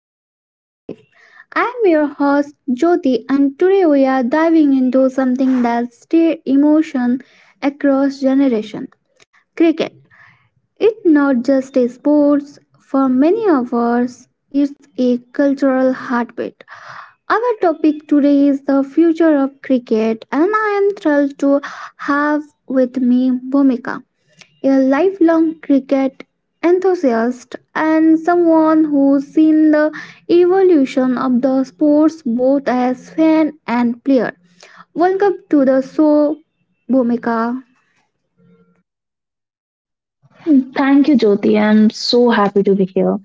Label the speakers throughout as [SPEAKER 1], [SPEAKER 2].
[SPEAKER 1] Sparkle of Life. I'm your host Jyoti and today we are diving into something that stirs emotion across generation. Cricket. It's not just a sport for many of us, it's a cultural heartbeat. Our topic today is the future of cricket and I am thrilled to have with me Bhumika, a lifelong cricket enthusiast and someone who's seen the evolution of the sports both as fan and player. Welcome to the show, Bhumika.
[SPEAKER 2] Thank you, Jyoti. I'm so happy to be here.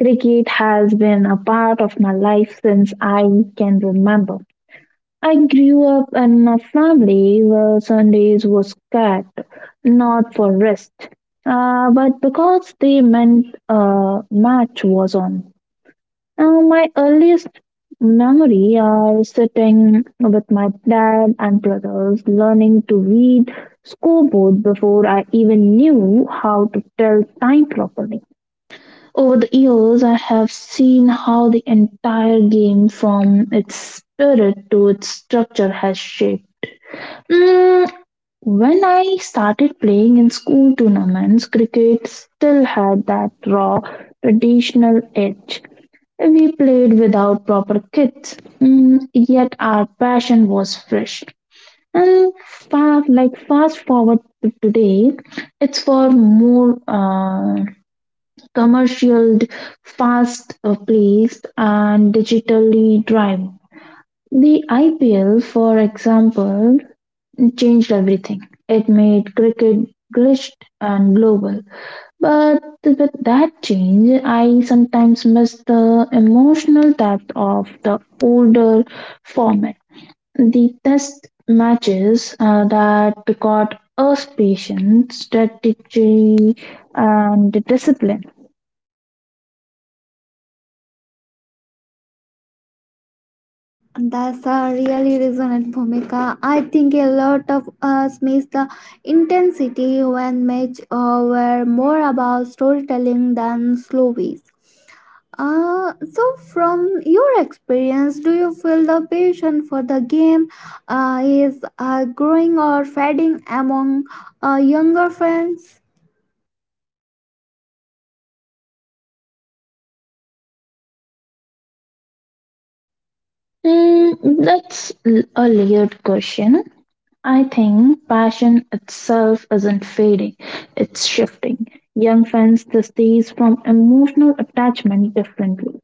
[SPEAKER 2] Cricket has been a part of my life since I can remember. I grew up in a family where Sundays were scared, not for rest, but because they meant a match was on. My earliest memory are sitting with my dad and brothers, learning to read scoreboard before I even knew how to tell time properly. Over the years, I have seen how the entire game, from its spirit to its structure, has shaped. Mm, when I started playing in school tournaments, cricket still had that raw, traditional edge we played without proper kits, yet our passion was fresh. And far, like fast forward to today, it's for more commercial, fast plays and digitally driven. The IPL, for example, changed everything. It made cricket glitched and global. But with that change, I sometimes miss the emotional depth of the older format. The test matches that got us patience, strategy, and discipline.
[SPEAKER 1] That's a really resonant Bhumika. I think a lot of us miss the intensity when match were more about storytelling than slow beats. So from your experience, do you feel the passion for the game is growing or fading among younger fans?
[SPEAKER 2] That's a layered question. I think passion itself isn't fading, it's shifting. Young fans this days from emotional attachment differently.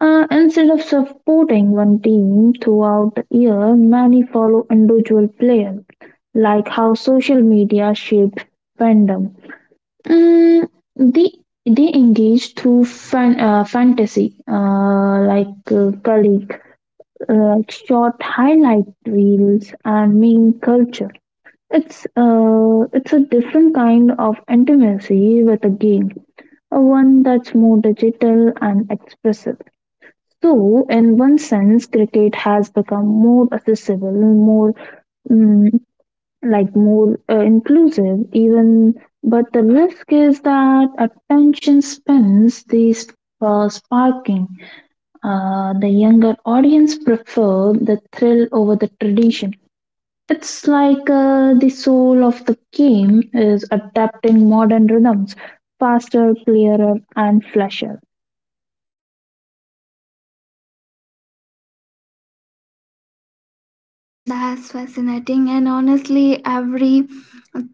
[SPEAKER 2] Instead of supporting one team throughout the year, many follow individual players, like how social media shaped fandom. Mm, they, they engage through fantasy, like colleague, like short highlight reels, and meme culture. It's a different kind of intimacy with a game, a one that's more digital and expressive. So, in one sense, cricket has become more accessible, more mm, like more inclusive. Even, but the risk is that attention spans these sparking. The younger audience prefer the thrill over the tradition. It's like the soul of the game is adapting modern rhythms faster, clearer, and flasher.
[SPEAKER 1] That's fascinating, and honestly, every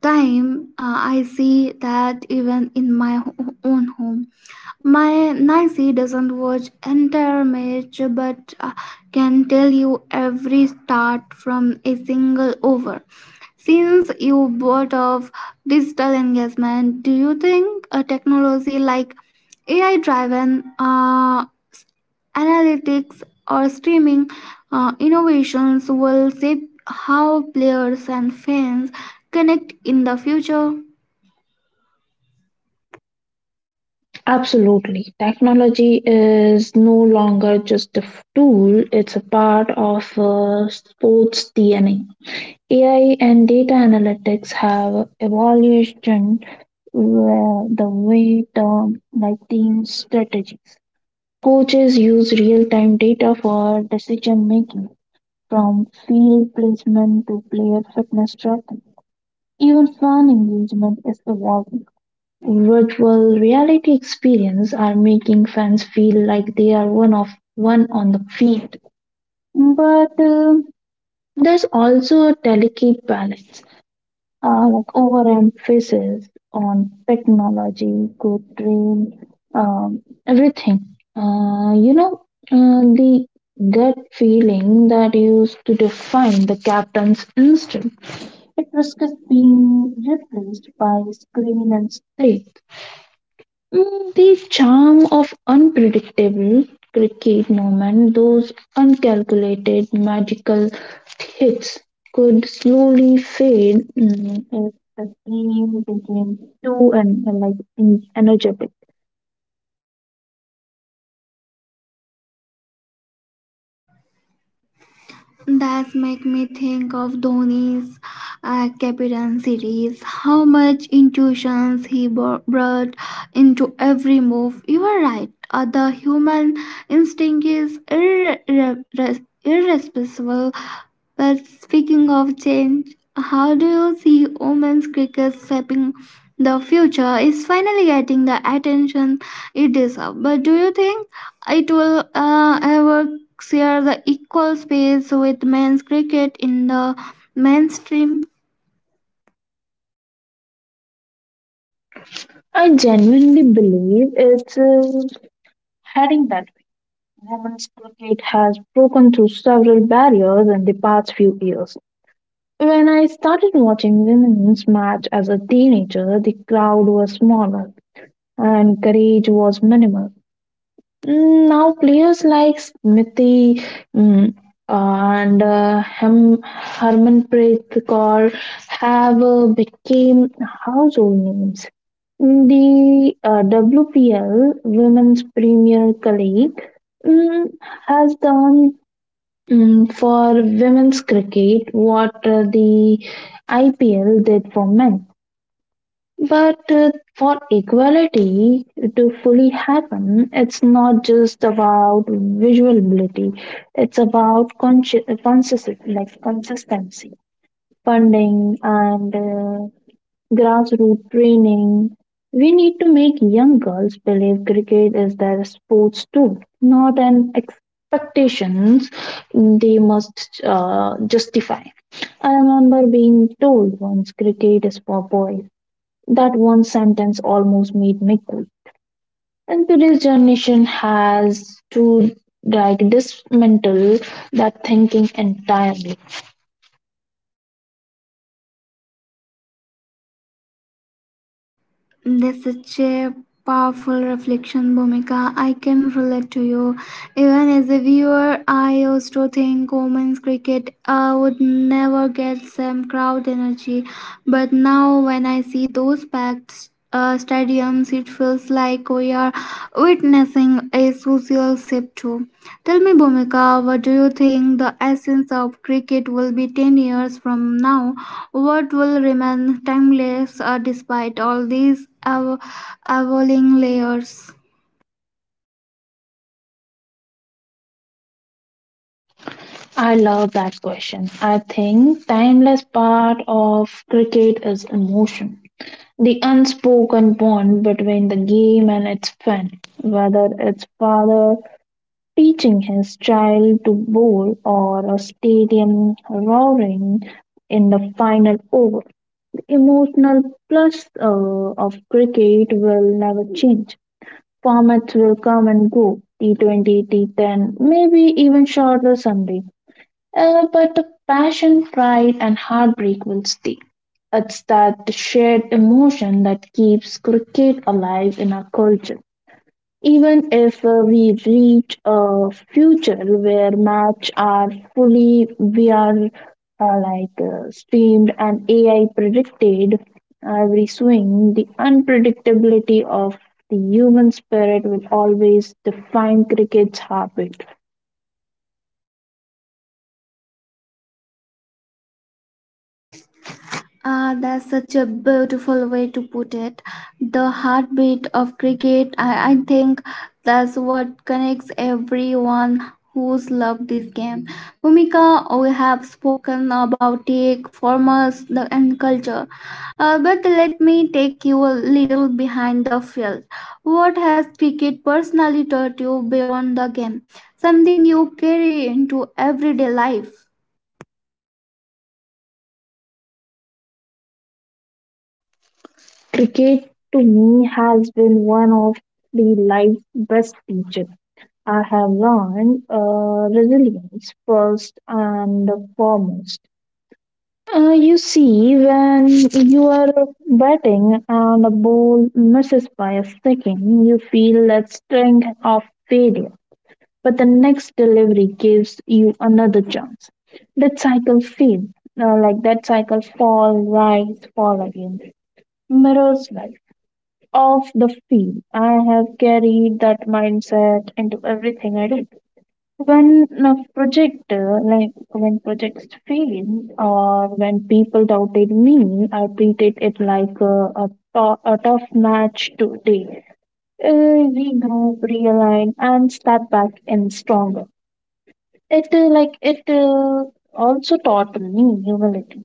[SPEAKER 1] time I see that even in my own home. My Nancy doesn't watch entire match, but can tell you every start from a single over. Since you brought of digital engagement, do you think a technology like AI-driven analytics or streaming innovations will shape how players and fans connect in the future?
[SPEAKER 2] Absolutely. Technology is no longer just a tool, it's a part of sports DNA. AI and data analytics have evolutioned the way term like team strategies. Coaches use real time data for decision making, from field placement to player fitness tracking. Even fan engagement is evolving. Virtual reality experiences are making fans feel like they are one on the field. But there's also a delicate balance. Like overemphasis on technology could drain everything. Uh, you know, the gut feeling that used to define the captain's instinct. It risks being replaced by screen and stage. The charm of unpredictable cricket moment; those uncalculated magical hits, could slowly fade if the team became too energetic.
[SPEAKER 1] That make me think of Dhoni's Captain series. How much intuitions he brought into every move. You are right. The human instinct is irresponsible. But speaking of change, how do you see women's cricket shaping the future? Is finally getting the attention it deserves. But do you think? It will ever share the equal space with men's cricket in the mainstream.
[SPEAKER 2] I genuinely believe it's heading that way. Women's cricket has broken through several barriers in the past few years. When I started watching women's match as a teenager, the crowd was smaller and courage was minimal. Now players like Smithy mm, and Harmanpreet Kaur have became household names. The WPL Women's Premier League mm, has done for women's cricket what the IPL did for men. But for equality to fully happen, it's not just about visual ability, it's about consistency, like consistency, funding, and grassroots training. We need to make young girls believe cricket is their sports too, not an expectations they must justify. I remember being told once cricket is for boys, that one sentence almost made me cool. And today's generation has to like dismantle that thinking entirely.
[SPEAKER 1] That's such a powerful reflection, Bhumika. I can relate to you. Even as a viewer, I used to think women's cricket would never get some crowd energy. But now, when I see those packed stadiums, it feels like we are witnessing a social shift too. Tell me, Bhumika, what do you think the essence of cricket will be 10 years from now? What will remain timeless despite all these evolving layers.
[SPEAKER 2] I love that question. I think timeless part of cricket is emotion. The unspoken bond between the game and its fan, whether it's father teaching his child to bowl or a stadium roaring in the final over. Emotional plus of cricket will never change. Formats will come and go T20, T10, maybe even shorter someday. But the passion, pride, and heartbreak will stay. It's that shared emotion that keeps cricket alive in our culture. Even if we reach a future where maps are fully VR streamed and AI predicted every swing, the unpredictability of the human spirit will always define cricket's heartbeat.
[SPEAKER 1] Ah, that's such a beautiful way to put it. The heartbeat of cricket, I think that's what connects everyone who's loved this game. Bhumika, we have spoken about it, formats, the, and culture. But let me take you a little behind the field. What has cricket personally taught you beyond the game? Something you carry into everyday life?
[SPEAKER 2] Cricket to me has been one of the life's best teachers. I have learned resilience first and foremost. You see, when you are batting and a ball misses by a second, you feel that sting of failure. But the next delivery gives you another chance. That cycle feels like that cycle fall, rise, fall again. Mirrors life off the field. I have carried that mindset into everything I do. When a projects fail or when people doubted me, I treated it like a tough match today. Regroup, realign, and step back in stronger. It also taught me humility.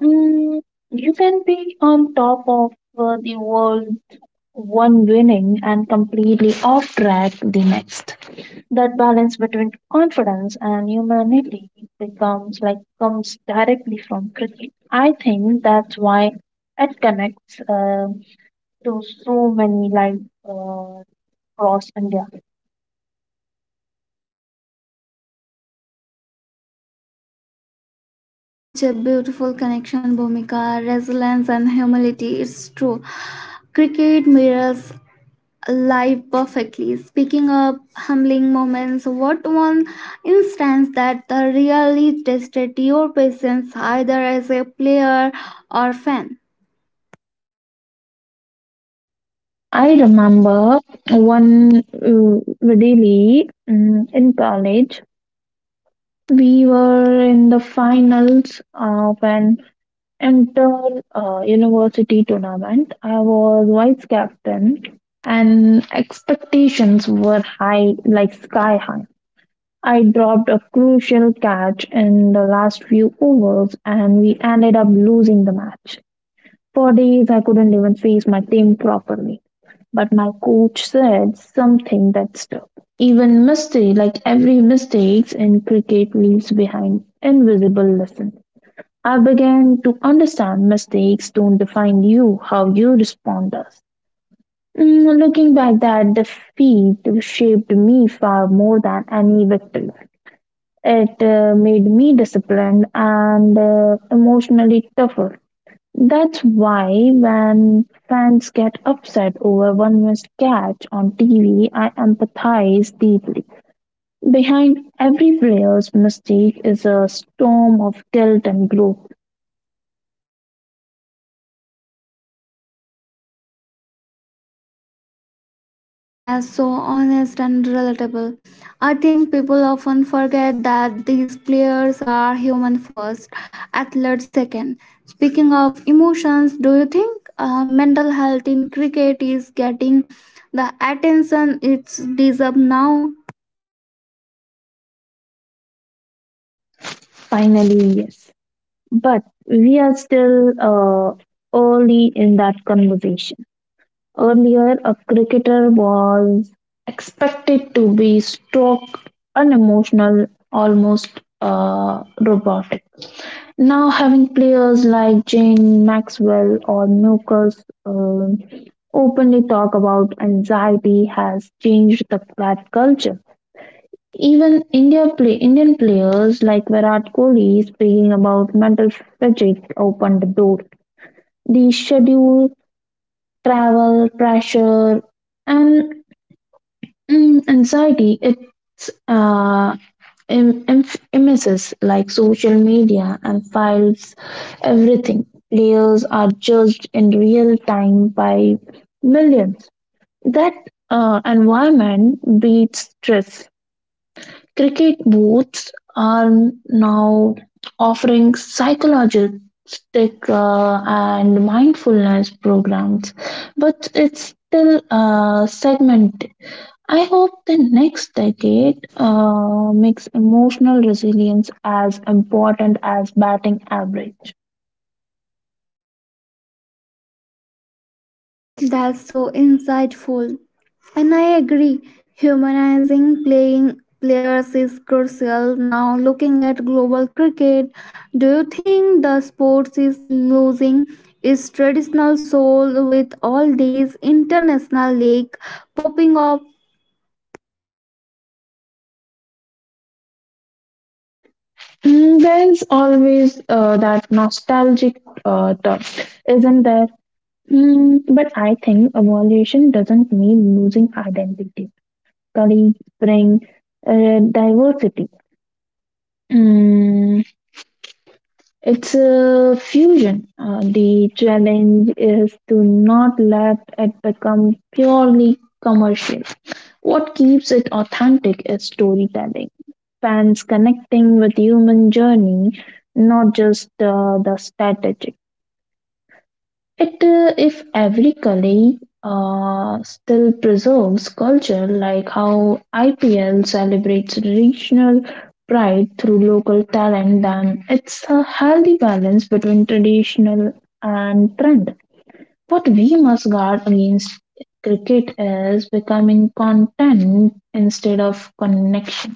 [SPEAKER 2] Mm, you can be on top of the world one winning and completely off track the next. That balance between confidence and humanity becomes like comes directly from cricket. I think that's why it connects to so many uh, across India.
[SPEAKER 1] Ah, that's such a beautiful connection, Bhumika. Resilience and humility. It's true. Cricket mirrors life perfectly. Speaking of humbling moments, what one instance that really tested your patience either as a player or fan?
[SPEAKER 2] I remember one in college. We were in the finals of an inter university tournament, I was vice captain and expectations were high, like sky high. I dropped a crucial catch in the last few overs and we ended up losing the match. For days, I couldn't even face my team properly. But my coach said something that stuck. Even mistake, like every mistakes in cricket, leaves behind invisible lessons. I began to understand mistakes don't define you, how you respond does. Looking back, that defeat shaped me far more than any victory. It made me disciplined and emotionally tougher. That's why when fans get upset over one missed catch on TV, I empathize deeply. Behind every player's mistake is a storm of guilt and growth.
[SPEAKER 1] That's so honest and relatable. I think people often forget that these players are human first, athletes second. Speaking of emotions, do you think mental health in cricket is getting the attention it's deserves now?
[SPEAKER 2] Finally, yes. But we are still early in that conversation. Earlier, a cricketer was expected to be stoic, unemotional, almost robotic. Now, having players like Jane Maxwell or Nukers openly talk about anxiety has changed that culture. Even Indian players like Virat Kohli speaking about mental fatigue opened the door. The schedule, travel, pressure, and anxiety, it's images like social media and files, everything. Players are judged in real time by millions. That environment breeds stress. Cricket booths are now offering psychologistic and mindfulness programs, but it's still segmented. I hope the next decade makes emotional resilience as important as batting average.
[SPEAKER 1] That's so insightful. And I agree, humanizing playing players is crucial. Now, looking at global cricket, do you think the sport is losing its traditional soul with all these international league popping up?
[SPEAKER 2] There's always that nostalgic thought, isn't there? But I think evolution doesn't mean losing identity. Colleagues bring diversity. Mm, it's a fusion. The challenge is to not let it become purely commercial. What keeps it authentic is storytelling, fans connecting with human journey, not just the strategic. It If every colleague still preserves culture, like how IPL celebrates regional pride through local talent, then it's a healthy balance between traditional and trend. What we must guard against cricket is becoming content instead of connection.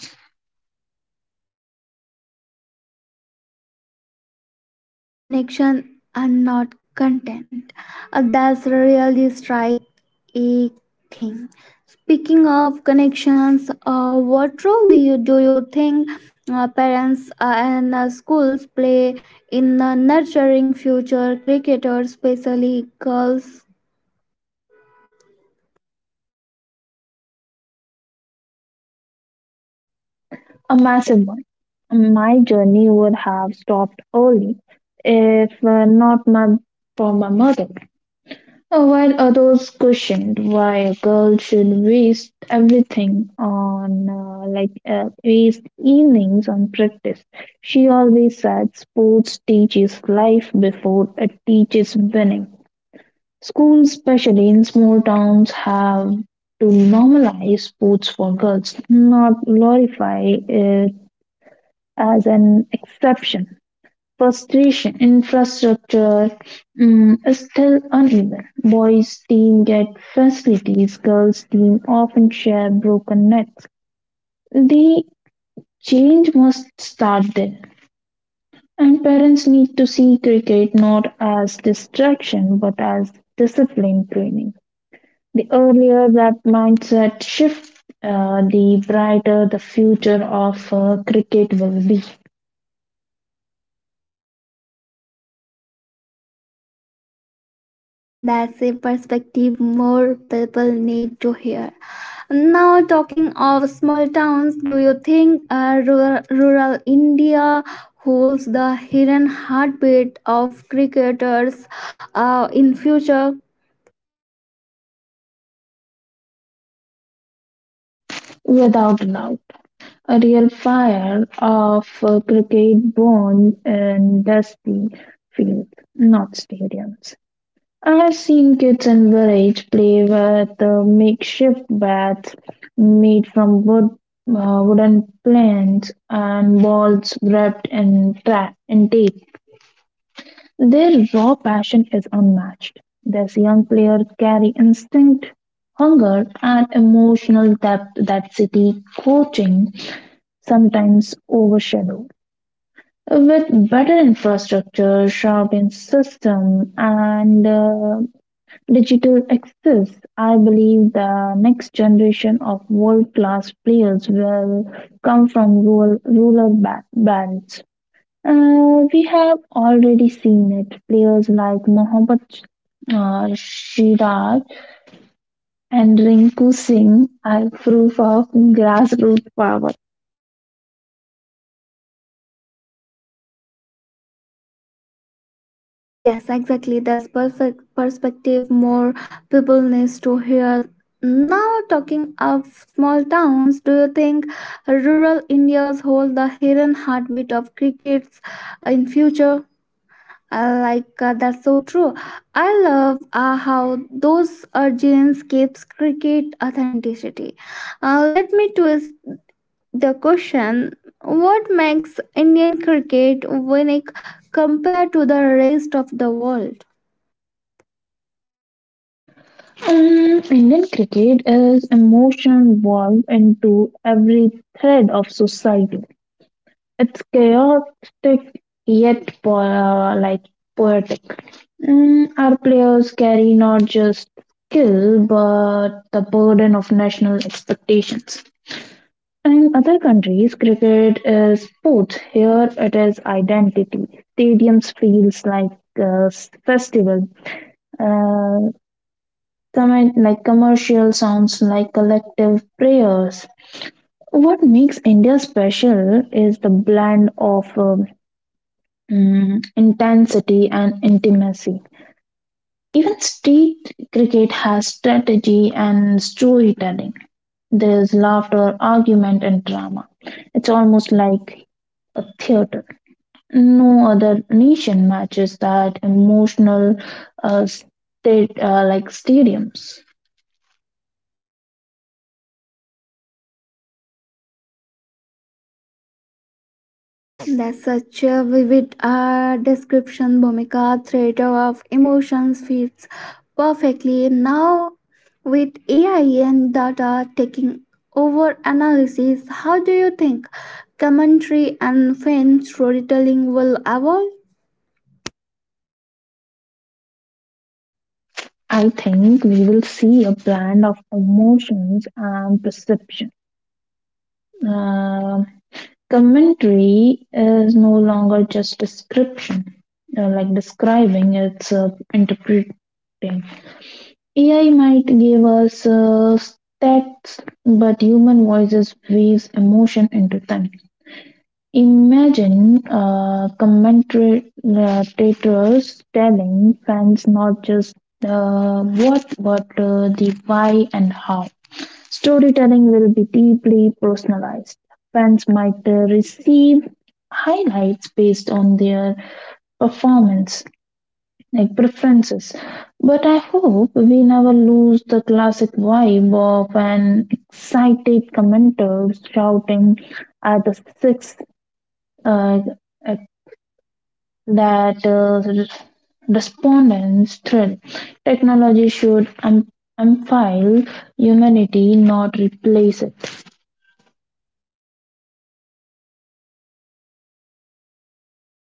[SPEAKER 1] Connection and not content. That's really strike a thing. Speaking of connections, what role do you think parents and schools play in nurturing future cricketers, especially girls?
[SPEAKER 2] A massive one. My journey would have stopped early if not my, for my mother. While others questioned why a girl should waste everything on like waste evenings on practice, she always said sports teaches life before it teaches winning. Schools, especially in small towns, have to normalize sports for girls, not glorify it as an exception. Frustration infrastructure is still uneven. Boys' team get facilities, girls' team often share broken nets. The change must start there, and parents need to see cricket not as distraction but as discipline training. The earlier that mindset shift, the brighter the future of cricket will be,
[SPEAKER 1] That's a perspective more people need to hear. Now, talking of small towns, do you think rural India holds the hidden heartbeat of cricketers in future?
[SPEAKER 2] without doubt. A real fire of cricket born in dusty fields, not stadiums. I've seen kids in village play with makeshift bats made from wood, wooden planks and balls wrapped in, in tape. Their raw passion is unmatched. These young players carry instinct, hunger, and emotional depth that city coaching sometimes overshadowed. With better infrastructure, sharpened system, and digital access, I believe the next generation of world-class players will come from rural bands. We have already seen it. Players like Mohammad Shiraz and Rinku Singh are proof of grassroots power.
[SPEAKER 1] Yes, exactly. That's perfect perspective. More people needs to hear. Now, talking of small towns, do you think rural India's hold the hidden heartbeat of crickets in future? That's so true. I love how those origins keeps cricket authenticity. Let me twist the question: What makes Indian cricket unique compared to the rest of the world?
[SPEAKER 2] Indian cricket is emotion woven into every thread of society. It's chaotic yet poetic. Our players carry not just skill but the burden of national expectations. In other countries, cricket is sports. Here, it is identity. Stadiums feels like a festival. Uh, comment like Commercial sounds like collective prayers. What makes India special is the blend of intensity and intimacy. Even street cricket has strategy and storytelling. There is laughter, argument, and drama. It's almost like a theater. No other nation matches that emotional state like stadiums.
[SPEAKER 1] That's such a vivid description. Bhumika theater of emotions fits perfectly now with AI and data taking over analysis. How do you think commentary and film storytelling will evolve?
[SPEAKER 2] I think we will see a blend of emotions and perception. Um Commentary is no longer just description, it's interpreting. AI might give us stats, but human voices weaves emotion into them. Imagine commentators telling fans not just the what but the why and how. Storytelling will be deeply personalized. Fans might receive highlights based on their performance, like preferences. But I hope we never lose the classic vibe of an excited commentator shouting at the sixth, uh, uh, that uh, res- respondents thrill. Technology should amplify humanity, not replace it.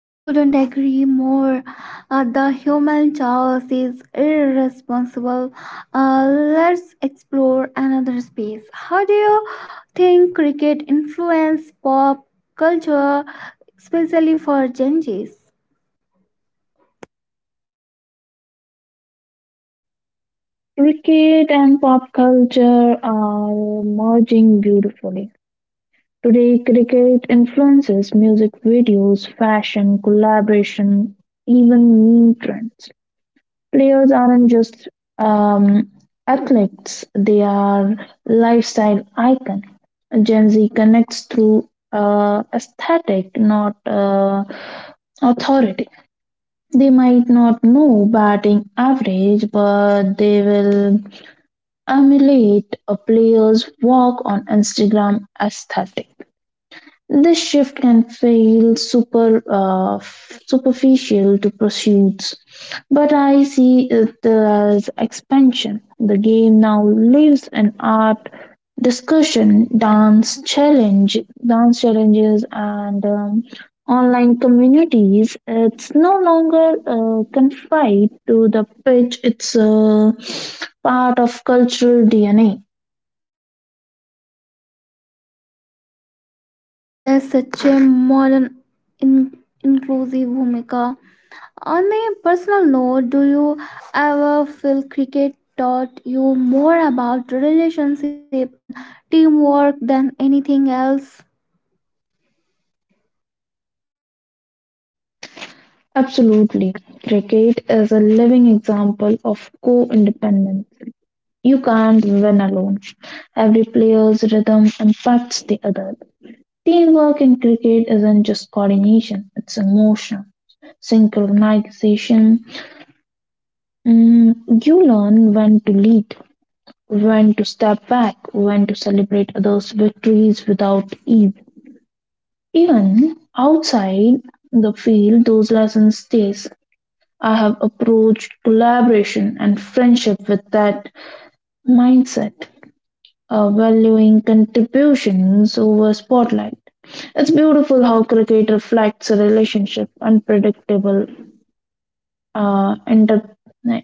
[SPEAKER 1] I couldn't agree more. The human chaos is irresponsible. Let's explore another space. How do you think cricket influenced pop culture, especially for Gen Zs?
[SPEAKER 2] Cricket and pop culture are merging beautifully. Today, cricket influences music videos, fashion, collaboration, even meme trends. Players aren't just um, athletes, they are lifestyle icon. Gen Z connects through aesthetic, not authority. They might not know batting average, but they will emulate a player's walk on Instagram aesthetic. This shift can feel super superficial to pursuits, but I see it as expansion. The game now lives in art, discussion, dance challenges, and online communities. It's no longer confined to the pitch. It's a part of cultural DNA.
[SPEAKER 1] There's such a modern, in- inclusive Bhumika. On a personal note, do you ever feel cricket taught you more about relationship and teamwork than anything else?
[SPEAKER 2] Absolutely. Cricket is a living example of co-independence. You can't win alone. Every player's rhythm impacts the other. Teamwork in cricket isn't just coordination, it's emotion, synchronization. Mm, you learn when to lead, when to step back, when to celebrate others' victories without eve. Even outside the field, those lessons stays. I have approached collaboration and friendship with that mindset, valuing contributions over spotlight. It's beautiful how cricket reflects a relationship, unpredictable, uh, inter-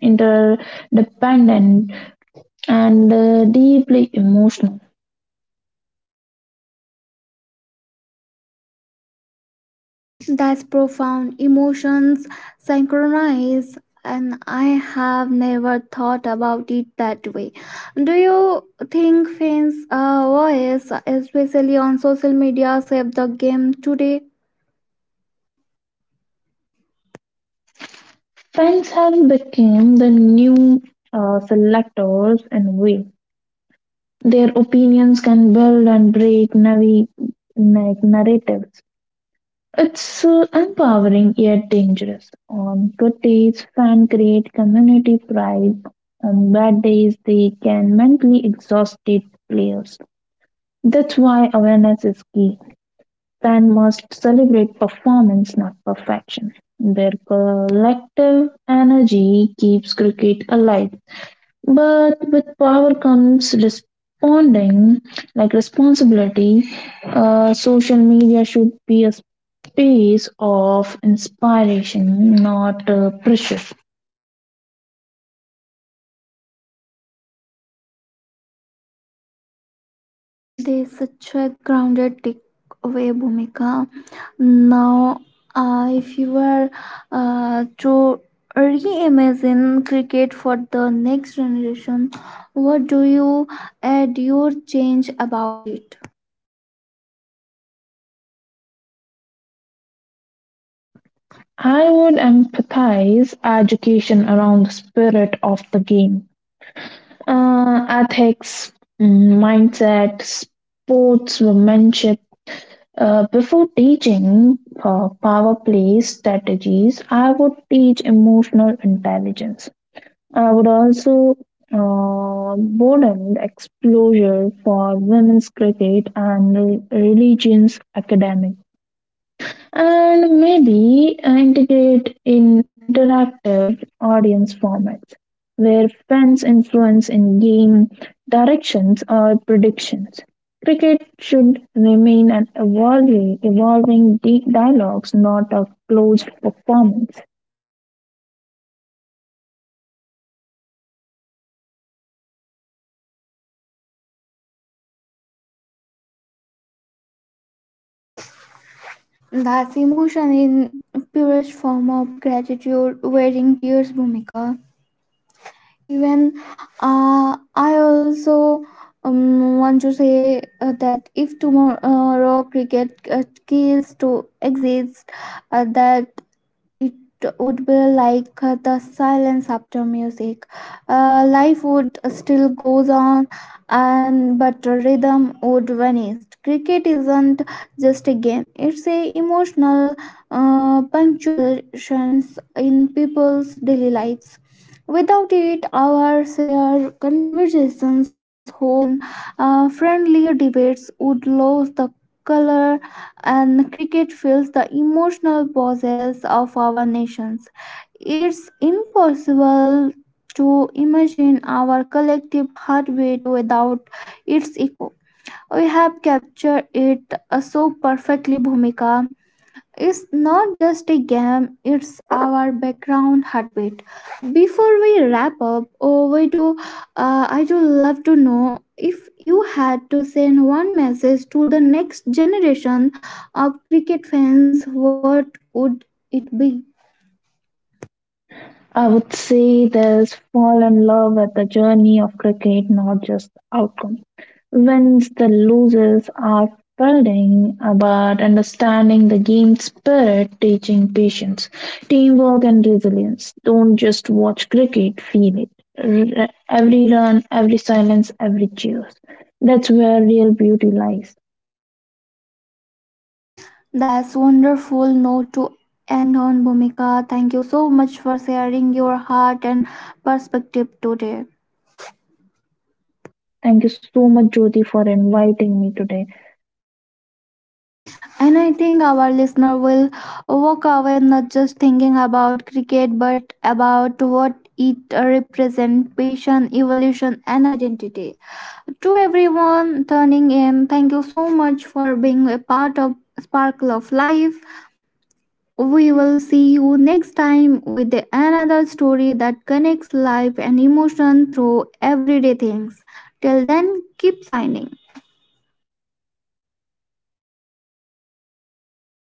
[SPEAKER 2] interdependent, and deeply emotional.
[SPEAKER 1] That's profound. Emotions synchronize, and I have never thought about it that way. Do you think fans' voice, especially on social media, save the game today?
[SPEAKER 2] Fans have become the new selectors in a way. Their opinions can build and break narratives. It's empowering yet dangerous. On good days, fans create community pride. On bad days, they can mentally exhaust their players. That's why awareness is key. Fans must celebrate performance, not perfection. Their collective energy keeps cricket alive. But with power comes responding, like responsibility. Social media should be a space of inspiration, not pressure.
[SPEAKER 1] They such a grounded takeaway, Bhumika. Now, if you were to reimagine cricket for the next generation, what do you add your change about it?
[SPEAKER 2] I would empathize education around the spirit of the game. Ethics, mindset, sportsmanship. Before teaching power play strategies, I would teach emotional intelligence. I would also broaden the exposure for women's cricket and religions academic, and maybe integrate in interactive audience formats where fans influence in game directions or predictions. Cricket should remain an evolving dialogues, not a closed performance.
[SPEAKER 1] That's emotion in purest form of gratitude, wearing tears, Bhumika. Even I also want to say that if tomorrow cricket is to exist, that it would be like the silence after music. Life would still goes on and but rhythm would vanish. Cricket isn't just a game, it's a emotional punctuations in people's daily lives. Without it our shared conversations, hopes, and friendly debates would lose the color, and cricket fills the emotional pauses of our nations. It's impossible to imagine our collective heartbeat without its echo. We have captured it so perfectly, Bhumika. It's not just a game, it's our background heartbeat. Before we wrap up, oh, we do, I do love to know if you had to send one message to the next generation of cricket fans, what would it be?
[SPEAKER 2] I would say there's fall in love with the journey of cricket, not just the outcome. Wins, the losses are building about understanding the game spirit, teaching patience, teamwork, and resilience. Don't just watch cricket, feel it. Every run, every silence, every cheers. That's where real beauty lies.
[SPEAKER 1] That's wonderful note to end on, Bhumika. Thank you so much for sharing your heart and perspective today.
[SPEAKER 2] Thank you so much, Jyoti, for inviting me today.
[SPEAKER 1] And I think our listener will walk away not just thinking about cricket but about what it represents passion, evolution, and identity. To everyone turning in, thank you so much for being a part of Sparkle of Life. We will see you next time with another story that connects life and emotion through everyday things. Till then, keep shining.